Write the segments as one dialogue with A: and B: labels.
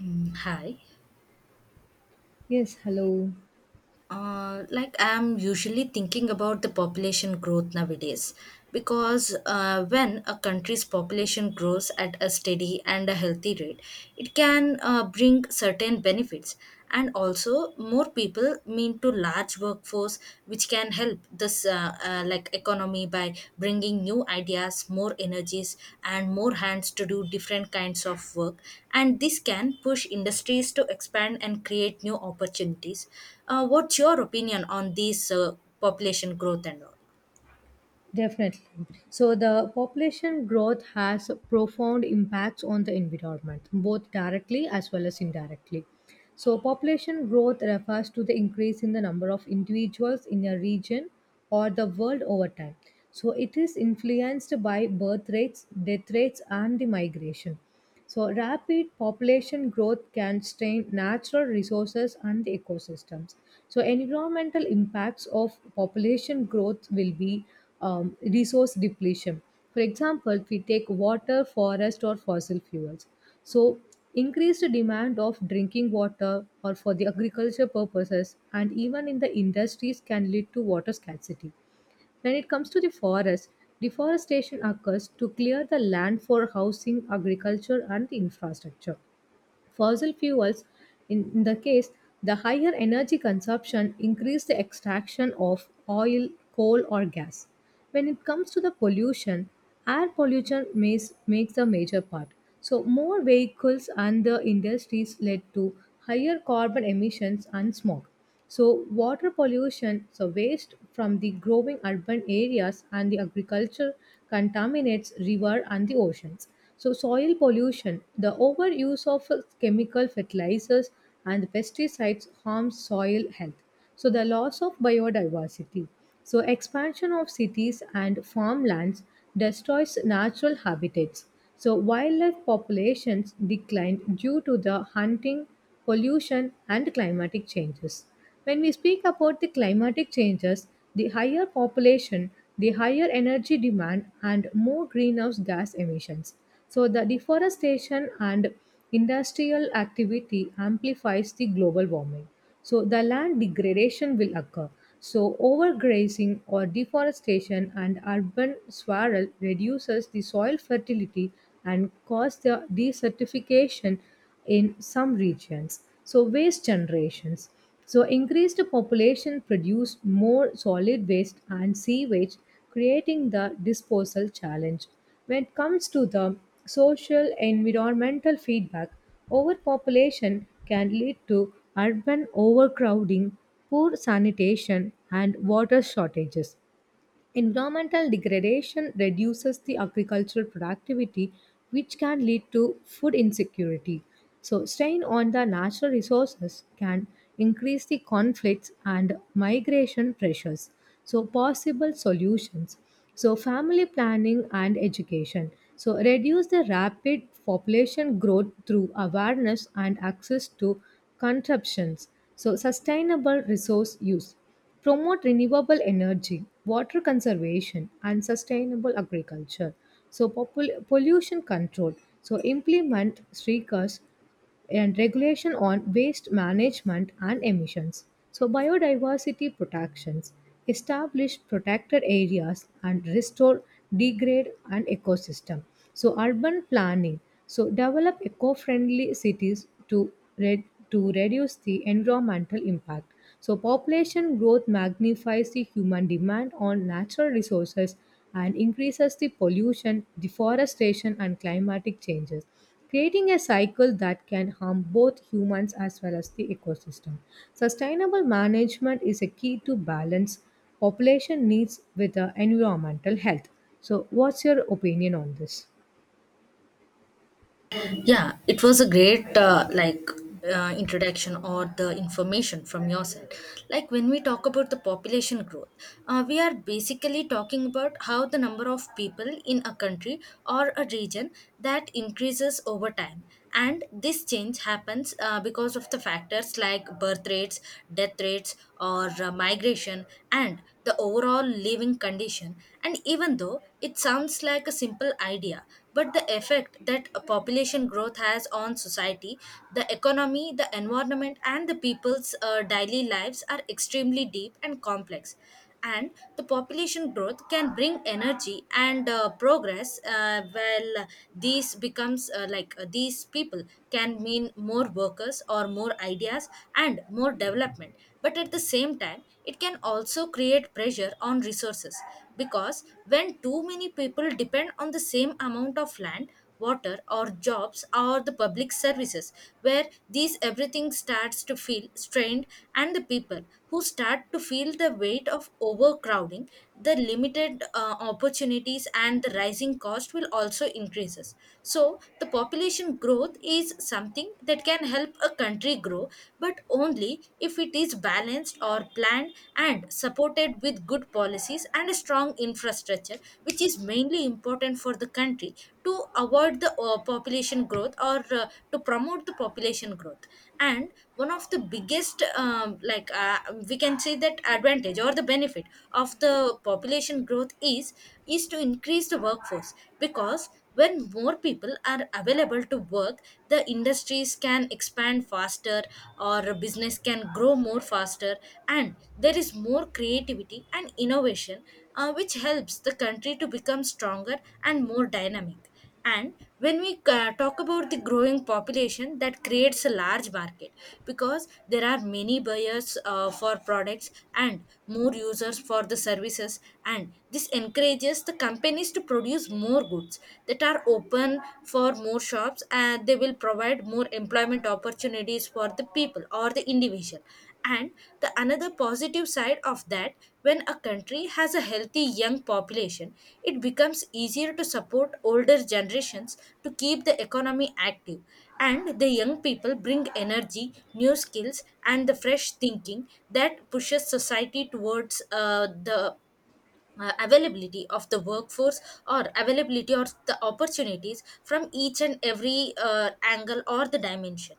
A: Hi.
B: Yes, hello.
A: Like I'm usually thinking about the population growth nowadays because when a country's population grows at a steady and a healthy rate, it can bring certain benefits, and also more people mean to large workforce which can help this like economy by bringing new ideas, more energies, and more hands to do different kinds of work, and this can push industries to expand and create new opportunities. What's your opinion on these population growth and all?
B: Definitely. So the population growth has profound impacts on the environment, both directly as well as indirectly. So population growth refers to the increase in the number of individuals in a region or the world over time. So it is influenced by birth rates, death rates, and the migration. So, rapid population growth can strain natural resources and the ecosystems. So, environmental impacts of population growth will be resource depletion. For example, if we take water, forest, or fossil fuels. So, increased demand of drinking water or for the agriculture purposes and even in the industries can lead to water scarcity when it comes to the forest, deforestation occurs to clear the land for housing, agriculture, and infrastructure. Fossil fuels, in the case, the higher energy consumption increase the extraction of oil, coal, or gas. When it comes to the pollution, air pollution makes a major part. So, more vehicles and the industries led to higher carbon emissions and smog. So, water pollution, so waste from the growing urban areas and the agriculture contaminates river and the oceans. So, soil pollution, the overuse of chemical fertilizers and pesticides harms soil health. So the loss of biodiversity. So expansion of cities and farmlands destroys natural habitats. So wildlife populations declined due to the hunting, pollution and climatic changes. When we speak about the climatic changes, the higher population, the higher energy demand and more greenhouse gas emissions. So the deforestation and industrial activity amplifies the global warming. So the land degradation will occur. So overgrazing or deforestation and urban swirl reduces the soil fertility and cause the desertification in some regions. So waste generations. So increased population produce more solid waste and sewage, creating the disposal challenge. When it comes to the social environmental feedback, overpopulation can lead to urban overcrowding, poor sanitation, and water shortages. Environmental degradation reduces the agricultural productivity, which can lead to food insecurity. So, strain on the natural resources can increase the conflicts and migration pressures. So, possible solutions. So, family planning and education. So, reduce the rapid population growth through awareness and access to contraptions. So, sustainable resource use promote renewable energy, water conservation, and sustainable agriculture. So, pollution control. So, implement SRICAS and regulation on waste management and emissions. So, biodiversity protections. Establish protected areas and restore degrade and ecosystem. So, urban planning. So, develop eco-friendly cities to, re- to reduce the environmental impact. So, population growth magnifies the human demand on natural resources and increases the pollution, deforestation, and climatic changes, creating a cycle that can harm both humans as well as the ecosystem. Sustainable management is a key to balance population needs with the environmental health. So, what's your opinion on this?
A: Yeah, it was a great introduction or the information from your side. Like when we talk about the population growth, we are basically talking about how the number of people in a country or a region that increases over time, and this change happens because of the factors like birth rates, death rates, or migration and the overall living condition. And even though it sounds like a simple idea, but the effect that a population growth has on society, the economy, the environment, and the people's daily lives are extremely deep and complex. And the population growth can bring energy and progress. Well, these becomes these people can mean more workers or more ideas and more development, but at the same time it can also create pressure on resources, because when too many people depend on the same amount of land, water, or jobs, or the public services, where these everything starts to feel strained, and the people who start to feel the weight of overcrowding, the limited opportunities and the rising cost will also increases. So the population growth is something that can help a country grow, but only if it is balanced or planned and supported with good policies and a strong infrastructure, which is mainly important for the country to avoid the population growth or to promote the population growth. And one of the biggest, we can say that advantage or the benefit of the population growth is to increase the workforce, because when more people are available to work, the industries can expand faster or business can grow more faster, and there is more creativity and innovation, which helps the country to become stronger and more dynamic. And when we talk about the growing population, that creates a large market because there are many buyers for products and more users for the services. And this encourages the companies to produce more goods that are open for more shops, and they will provide more employment opportunities for the people or the individual. And the another positive side of that, when a country has a healthy young population, it becomes easier to support older generations, to keep the economy active, and the young people bring energy, new skills, and the fresh thinking that pushes society towards the availability of the workforce or availability or the opportunities from each and every angle or the dimension.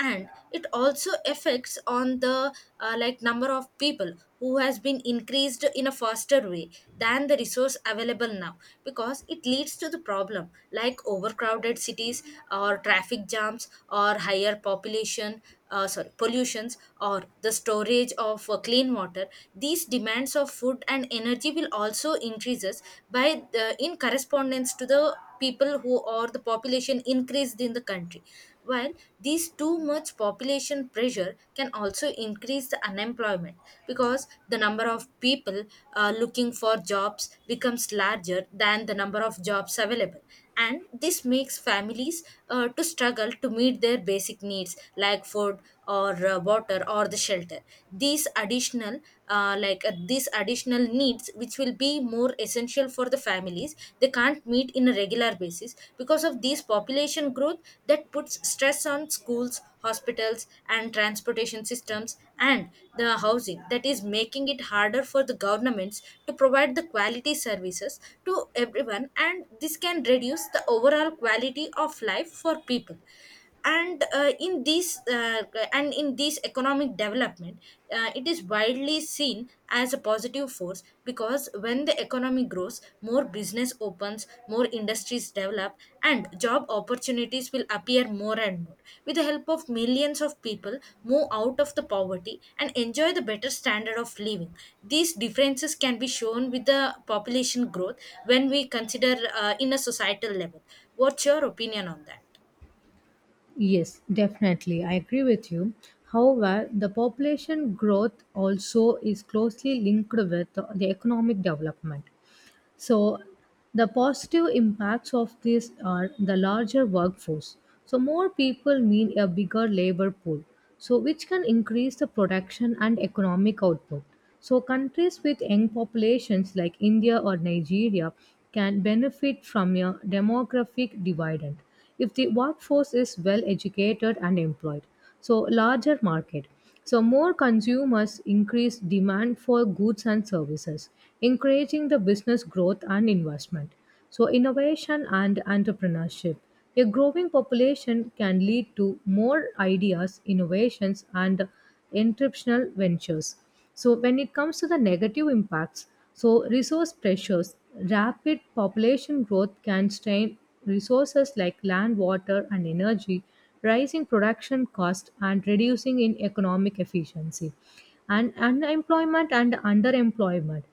A: And it also affects on the number of people who has been increased in a faster way than the resource available now, because it leads to the problem like overcrowded cities or traffic jams or higher population, sorry, pollutions, or the storage of clean water. These demands of food and energy will also increases by the, in correspondence to the people who or the population increased in the country, while these too much population pressure can also increase the unemployment, because the number of people looking for jobs becomes larger than the number of jobs available, and this makes families to struggle to meet their basic needs like food or water or the shelter. These additional these additional needs which will be more essential for the families they can't meet in a regular basis because of these population growth, that puts stress on schools, hospitals, and transportation systems, and the housing, that is making it harder for the governments to provide the quality services to everyone, and this can reduce the overall quality of life for people. And in this and in this economic development, it is widely seen as a positive force, because when the economy grows, more business opens, more industries develop, and job opportunities will appear more and more, with the help of millions of people move out of the poverty and enjoy the better standard of living. These differences can be shown with the population growth when we consider in a societal level. What's your opinion on that?
B: Yes, definitely. I agree with you. However, the population growth also is closely linked with the economic development. So, the positive impacts of this are the larger workforce. So, more people mean a bigger labor pool, so which can increase the production and economic output. So, countries with young populations like India or Nigeria can benefit from a demographic dividend if the workforce is well educated and employed, so larger market, so more consumers increase demand for goods and services, encouraging the business growth and investment. So innovation and entrepreneurship, a growing population can lead to more ideas, innovations, and entrepreneurial ventures. So when it comes to the negative impacts, so resource pressures, rapid population growth can strain resources like land, water, and energy, rising production cost and reducing in economic efficiency, and unemployment and underemployment.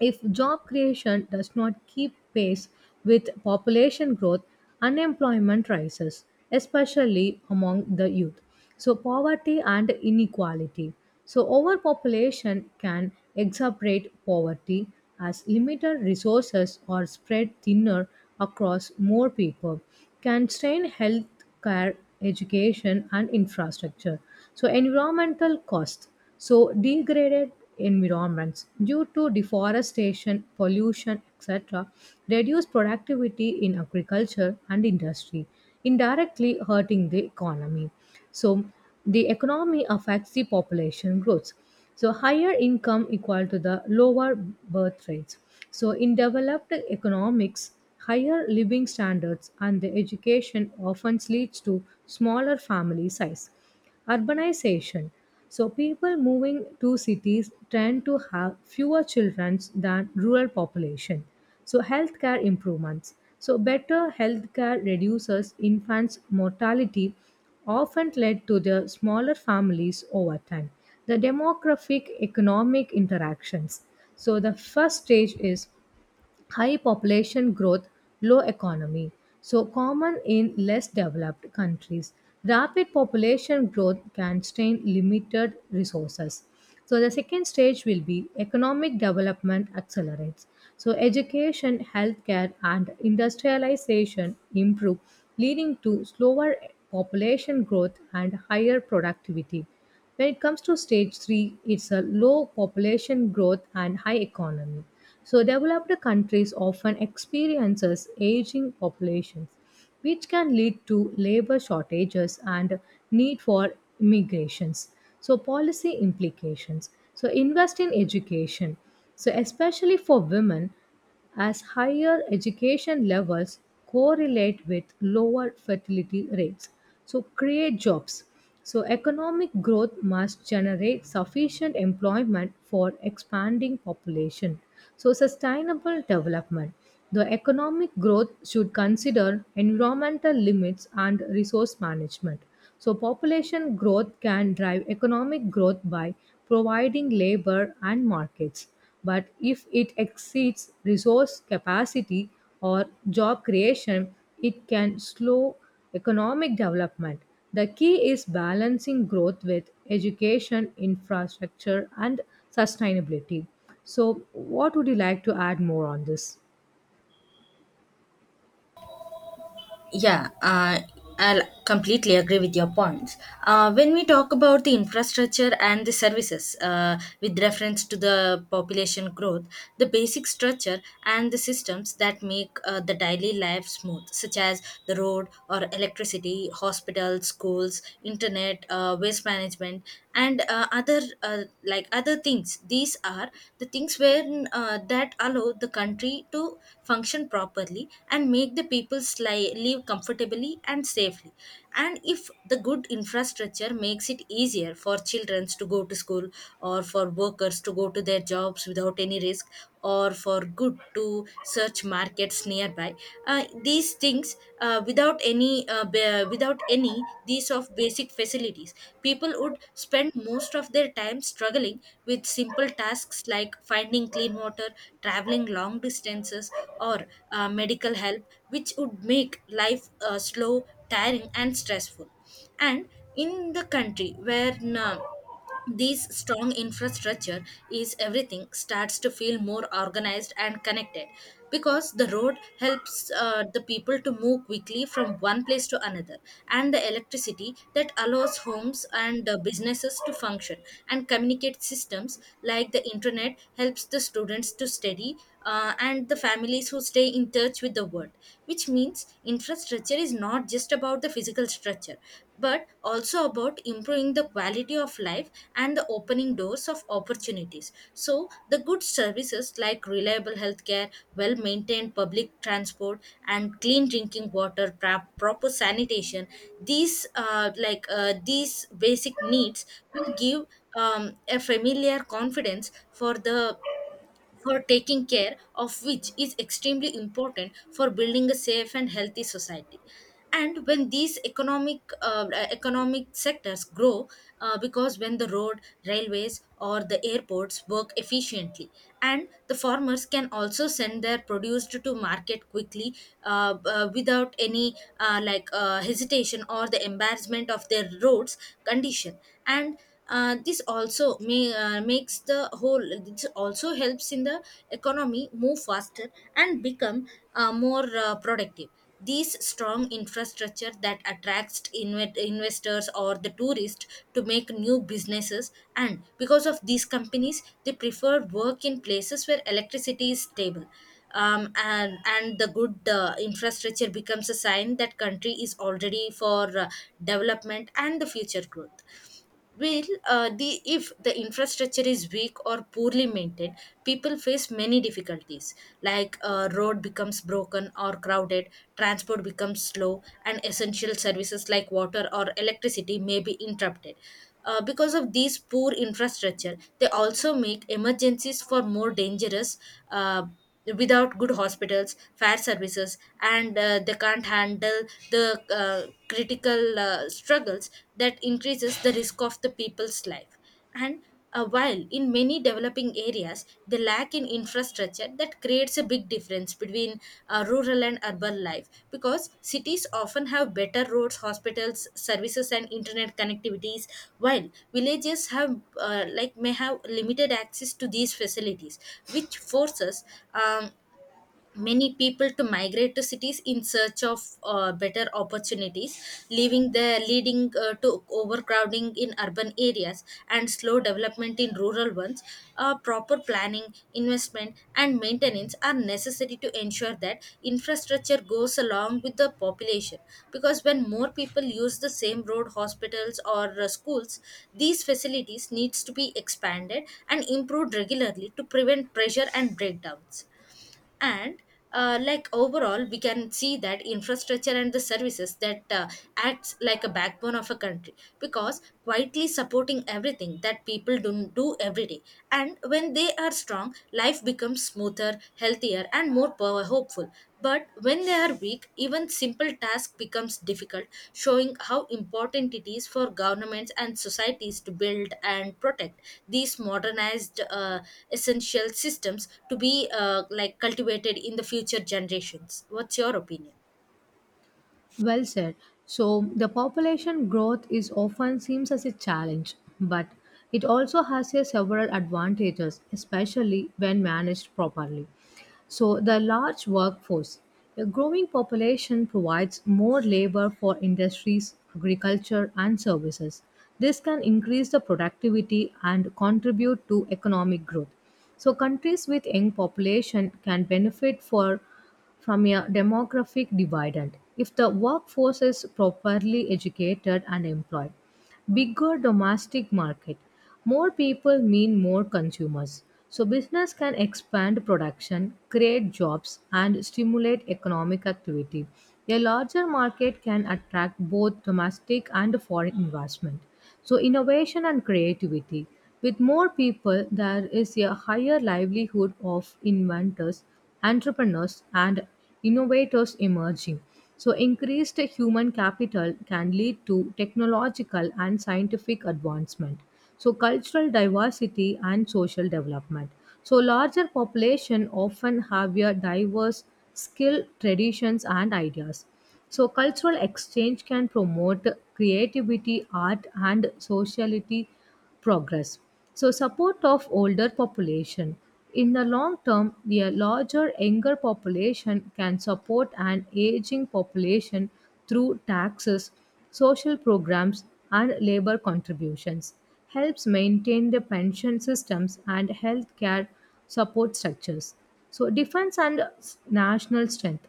B: If job creation does not keep pace with population growth, unemployment rises, especially among the youth. So, poverty and inequality. So, overpopulation can exacerbate poverty as limited resources are spread thinner across more people, can strain health care, education, and infrastructure. So, environmental costs. So, degraded environments due to deforestation, pollution, etc., reduce productivity in agriculture and industry, indirectly hurting the economy. So, the economy affects the population growth. So, higher income equal to the lower birth rates. So, in developed economics, higher living standards and the education often leads to smaller family size, urbanization, so people moving to cities tend to have fewer children than rural population. So healthcare improvements, so better healthcare reduces infants mortality, often led to the smaller families over time. The demographic economic interactions, so the first stage is high population growth, low economy. So, common in less developed countries. Rapid population growth can strain limited resources. So, the second stage will be economic development accelerates. So, education, healthcare, and industrialization improve, leading to slower population growth and higher productivity. When it comes to stage three, it's a low population growth and high economy. So developed countries often experiences aging populations, which can lead to labor shortages and need for immigrations. So policy implications. So invest in education. So especially for women, as higher education levels correlate with lower fertility rates, so create jobs, so economic growth must generate sufficient employment for expanding population. So sustainable development, the economic growth should consider environmental limits and resource management. So population growth can drive economic growth by providing labor and markets, but if it exceeds resource capacity or job creation, it can slow economic development. The key is balancing growth with education, infrastructure, and sustainability. So, what would you like to add more on this?
A: Yeah, I'll completely agree with your points. When we talk about the infrastructure and the services with reference to the population growth, the basic structure and the systems that make the daily life smooth, such as the road or electricity, hospitals, schools, internet, waste management, and other things. These are the things where that allow the country to function properly and make the people live comfortably and safely. And if the good infrastructure makes it easier for children to go to school, or for workers to go to their jobs without any risk, or for good to search markets nearby, these things without any these of basic facilities, people would spend most of their time struggling with simple tasks like finding clean water, traveling long distances, or medical help, which would make life slow, tiring and stressful. And in the country where uh, this strong infrastructure is, everything starts to feel more organized and connected, because the road helps the people to move quickly from one place to another, and the electricity that allows homes and businesses to function, and communicate systems like the internet helps the students to study and the families who stay in touch with the world, which means infrastructure is not just about the physical structure, but also about improving the quality of life and the opening doors of opportunities. So, the good services like reliable healthcare, well maintained public transport, and clean drinking water, proper sanitation, these these basic needs will give a familiar confidence for the for taking care of, which is extremely important for building a safe and healthy society. And when these economic sectors grow, because when the road, railways, or the airports work efficiently, and the farmers can also send their produce to market quickly, without any hesitation or the embarrassment of their roads condition. And uh, this also may, uh, makes the whole this also helps in the economy move faster and become more productive. These strong infrastructure that attracts investors or the tourists to make new businesses, and because of these companies, they prefer work in places where electricity is stable, and the good infrastructure becomes a sign that country is already for development and the future growth. Well, the if the infrastructure is weak or poorly maintained, people face many difficulties. Like road becomes broken or crowded, transport becomes slow, and essential services like water or electricity may be interrupted. Because of these poor infrastructure, they also make emergencies for more dangerous. Uh, Without good hospitals, fair services, and they can't handle the critical struggles that increases the risk of the people's life. And while in many developing areas they lack in infrastructure that creates a big difference between rural and urban life, because cities often have better roads, hospitals, services, and internet connectivities, while villages have may have limited access to these facilities, which forces um, many people to migrate to cities in search of better opportunities, leaving the leading to overcrowding in urban areas and slow development in rural ones. Proper planning, investment, and maintenance are necessary to ensure that infrastructure goes along with the population, because when more people use the same road, hospitals, or schools, these facilities needs to be expanded and improved regularly to prevent pressure and breakdowns. And overall we can see that infrastructure and the services that acts like a backbone of a country, because quietly supporting everything that people do every day, and when they are strong, life becomes smoother, healthier, and more power hopeful. But when they are weak, even simple tasks becomes difficult, showing how important it is for governments and societies to build and protect these modernized essential systems to be cultivated in the future generations. What's your opinion?
B: Well said. So, the population growth is often seems as a challenge, but it also has a several advantages, especially when managed properly. So, the large workforce. A growing population provides more labor for industries, agriculture, and services. This can increase the productivity and contribute to economic growth. So, countries with young population can benefit for from a demographic dividend if the workforce is properly educated and employed. Bigger domestic market. More people mean more consumers. So business can expand production, create jobs and stimulate economic activity. A larger market can attract both domestic and foreign investment. So innovation and creativity. With more people, there is a higher livelihood of inventors, entrepreneurs, and innovators emerging. So, increased human capital can lead to technological and scientific advancement. So, cultural diversity and social development. So, larger population often have a diverse skill, traditions, and ideas. So cultural exchange can promote creativity, art, and sociality progress. So support of older population. In the long term, the larger younger population can support an aging population through taxes, social programs, and labor contributions. Helps maintain the pension systems and healthcare support structures. So defense and national strength,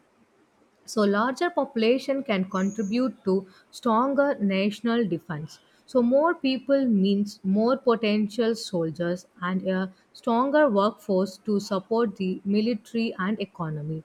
B: so larger population can contribute to stronger national defense. So more people means more potential soldiers and a stronger workforce to support the military and economy.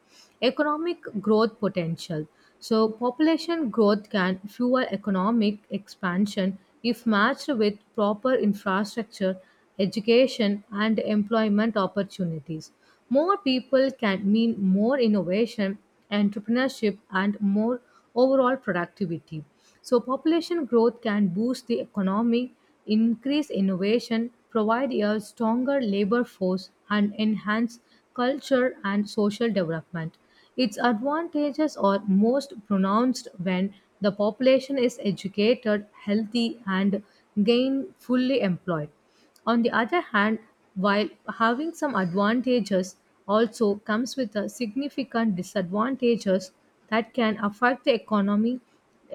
B: Economic growth potential, so population growth can fuel economic expansion if matched with proper infrastructure, education and employment opportunities. More people can mean more innovation, entrepreneurship, and more overall productivity. So, population growth can boost the economy, increase innovation, provide a stronger labor force, and enhance culture and social development. Its advantages are most pronounced when the population is educated, healthy, and gainfully employed. On the other hand, while having some advantages also comes with a significant disadvantages that can affect the economy,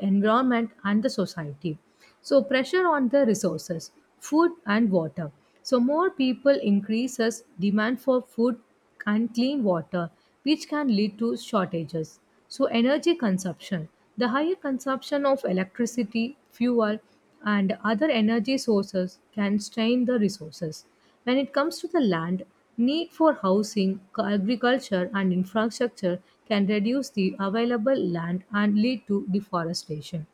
B: environment and the society. So pressure on the resources, food and water. So more people increases demand for food and clean water, which can lead to shortages. So, energy consumption, the higher consumption of electricity, fuel, and other energy sources can strain the resources. When it comes to the land, need for housing, agriculture, and infrastructure can reduce the available land and lead to deforestation,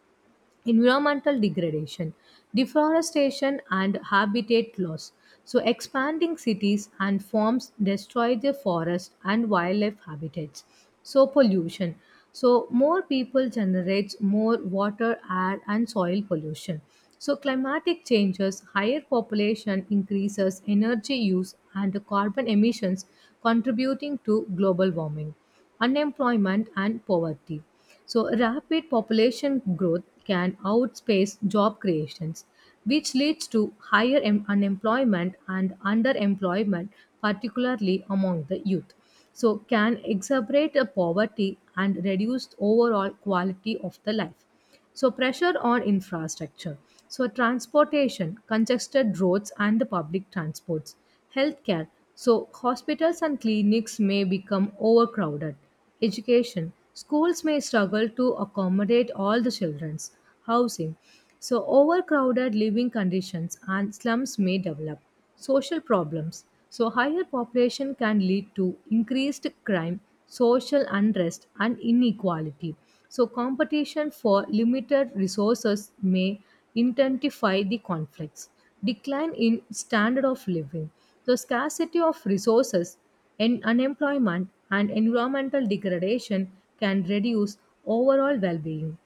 B: environmental degradation, deforestation, and habitat loss. So, expanding cities and farms destroy the forest and wildlife habitats. So, pollution. So, more people generates more water, air, and soil pollution. So, climatic changes, higher population increases energy use and carbon emissions, contributing to global warming, unemployment and poverty. So, rapid population growth can outpace job creations, which leads to higher unemployment and underemployment, particularly among the youth. So, can exacerbate the poverty and reduce overall quality of the life. So, pressure on infrastructure. So, transportation, congested roads and the public transports. Healthcare. So, hospitals and clinics may become overcrowded. Education. Schools may struggle to accommodate all the children's housing. So, overcrowded living conditions and slums may develop social problems. So, higher population can lead to increased crime, social unrest, and inequality. So, competition for limited resources may intensify the conflicts. Decline in standard of living. So, scarcity of resources and unemployment and environmental degradation can reduce overall well being.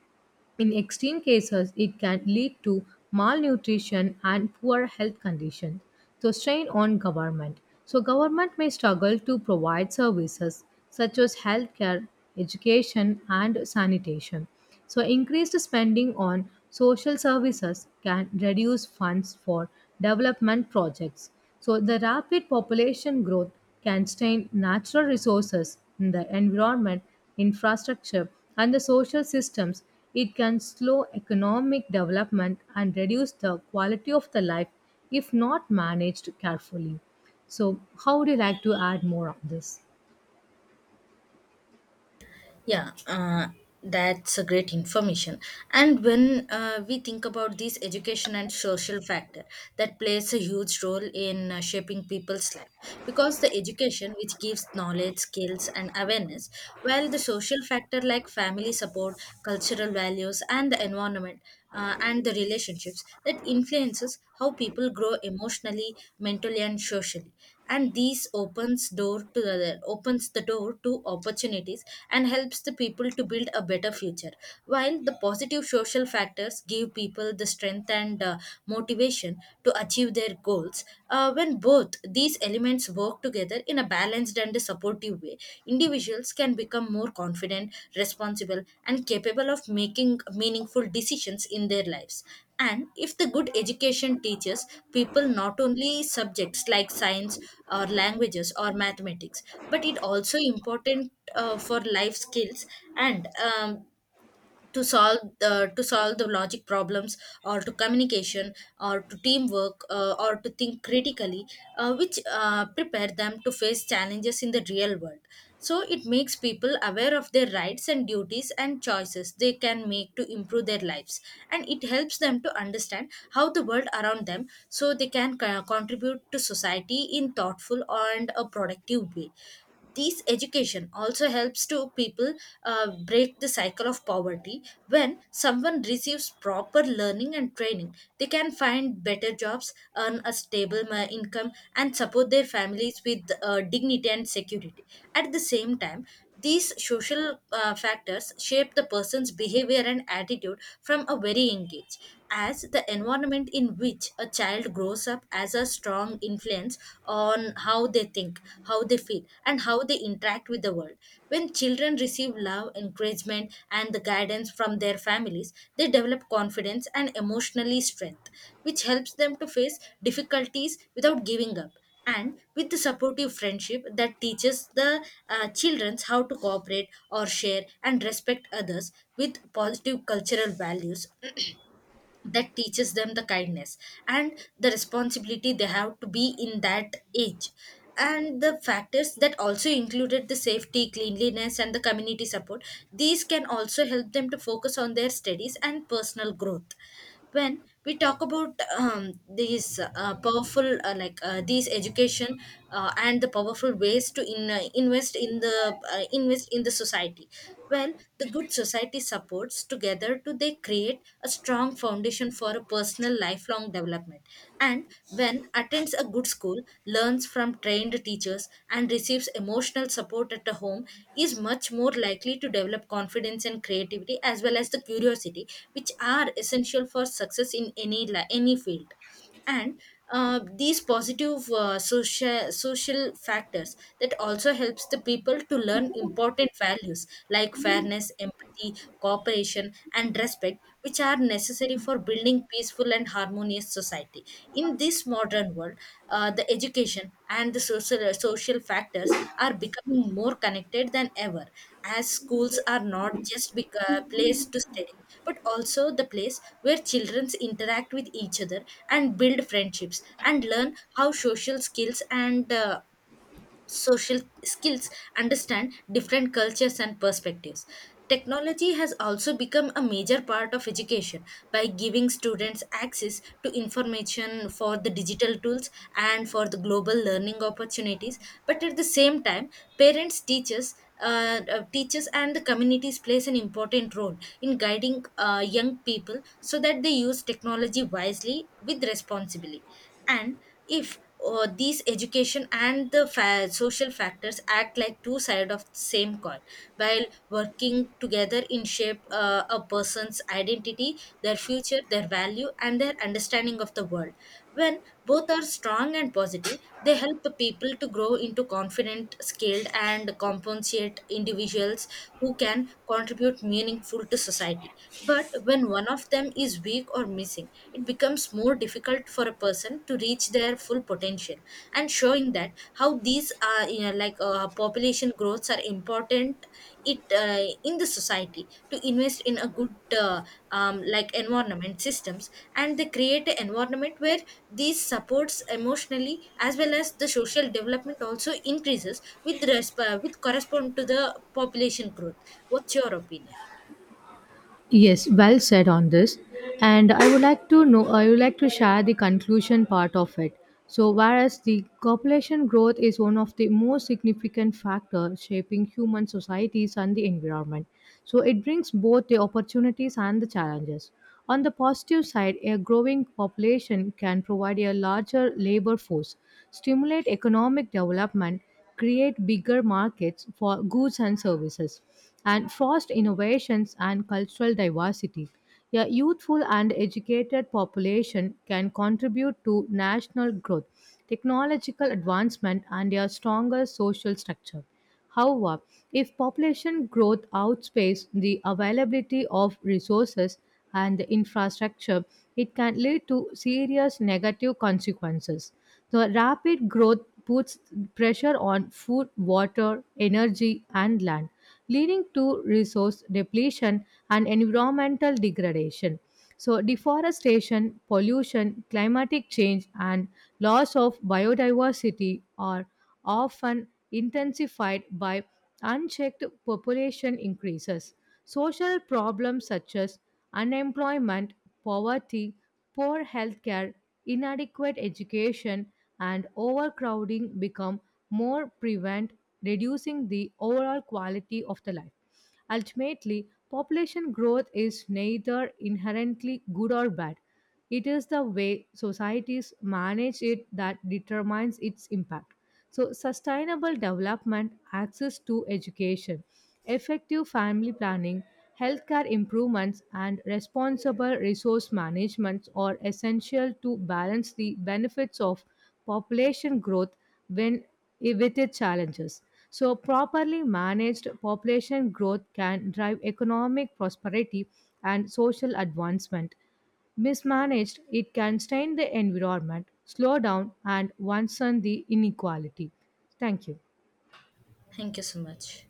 B: In extreme cases, it can lead to malnutrition and poor health conditions. So strain on government. So government may struggle to provide services such as healthcare, education, and sanitation. So increased spending on social services can reduce funds for development projects. So the rapid population growth can strain natural resources in the environment, infrastructure, and the social systems, it can slow economic development and reduce the quality of the life if not managed carefully. So, how would you like to add more on this?
A: Yeah, that's a great information. And when we think about this education and social factor, that plays a huge role in shaping people's life because the education which gives knowledge, skills, and awareness, while the social factor like family support, cultural values, and the environment. And the relationships that influences how people grow emotionally mentally and socially and these opens door to the opens the door to opportunities and helps the people to build a better future while the positive social factors give people the strength and motivation to achieve their goals. Uh, when both these elements work together in a balanced and supportive way, individuals can become more confident responsible and capable of making meaningful decisions in their lives. And if the good education teaches people not only subjects like science or languages or mathematics, but it also important for life skills and to solve the logic problems or to communication or to teamwork or to think critically, which prepare them to face challenges in the real world. So it makes people aware of their rights and duties and choices they can make to improve their lives, and it helps them to understand how the world around them so they can contribute to society in thoughtful and a productive way. This education also helps to people break the cycle of poverty. When someone receives proper learning and training, they can find better jobs, earn a stable income, and support their families with dignity and security. At the same time, these social factors shape the person's behavior and attitude from a very young age, as the environment in which a child grows up has a strong influence on how they think, how they feel, and how they interact with the world. When children receive love, encouragement, and the guidance from their families, they develop confidence and emotionally strength, which helps them to face difficulties without giving up, and with the supportive friendship that teaches the children how to cooperate or share and respect others with positive cultural values that teaches them the kindness and the responsibility they have to be in that age. And the factors that also included the safety cleanliness and the community support, these can also help them to focus on their studies and personal growth. When we talk about these powerful these education and the powerful ways to invest in the society, when the good society supports together to they create a strong foundation for a personal lifelong development. And when attends a good school, learns from trained teachers and receives emotional support at the home is much more likely to develop confidence and creativity as well as the curiosity which are essential for success in any any field. And these positive social factors that also helps the people to learn important values like fairness empathy cooperation and respect which are necessary for building peaceful and harmonious society. In this modern world, the education and the social factors are becoming more connected than ever, as schools are not just place to study but also the place where children interact with each other and build friendships and learn how social skills and social skills understand different cultures and perspectives. Technology has also become a major part of education by giving students access to information for the digital tools and for the global learning opportunities. But at the same time, parents, teachers, teachers and the communities plays an important role in guiding young people so that they use technology wisely with responsibility. And if these education and the social factors act like two sides of the same coin, while working together in shape a person's identity their future their value and their understanding of the world. When both are strong and positive they help the people to grow into confident skilled and compensate individuals who can contribute meaningful to society, but when one of them is weak or missing it becomes more difficult for a person to reach their full potential. And showing that how these are population growths are important, it in the society to invest in a good like environment systems, and they create an environment where these supports emotionally as well as the social development also increases with with correspond to the population growth. What's your opinion?
B: Yes, well said on this. And I would like to know, I would like to share the conclusion part of it. So, whereas the population growth is one of the most significant factors shaping human societies and the environment, so it brings both the opportunities and the challenges. On the positive side, a growing population can provide a larger labor force, stimulate economic development, create bigger markets for goods and services, and foster innovations and cultural diversity. A youthful and educated population can contribute to national growth, technological advancement, and a stronger social structure. However, if population growth outpaces the availability of resources and the infrastructure, it can lead to serious negative consequences. The rapid growth puts pressure on food, water, energy, and land, leading to resource depletion and environmental degradation. So, deforestation, pollution, climatic change, and loss of biodiversity are often intensified by unchecked population increases. Social problems such as unemployment, poverty, poor healthcare, inadequate education and overcrowding become more prevalent, reducing the overall quality of the life. Ultimately, population growth is neither inherently good or bad. It is the way societies manage it that determines its impact. So, sustainable development, access to education, effective family planning, healthcare improvements, and responsible resource management are essential to balance the benefits of population growth when, with its challenges. So, properly managed population growth can drive economic prosperity and social advancement. Mismanaged, it can strain the environment, slow down, and worsen the inequality. Thank you.
A: Thank you so much.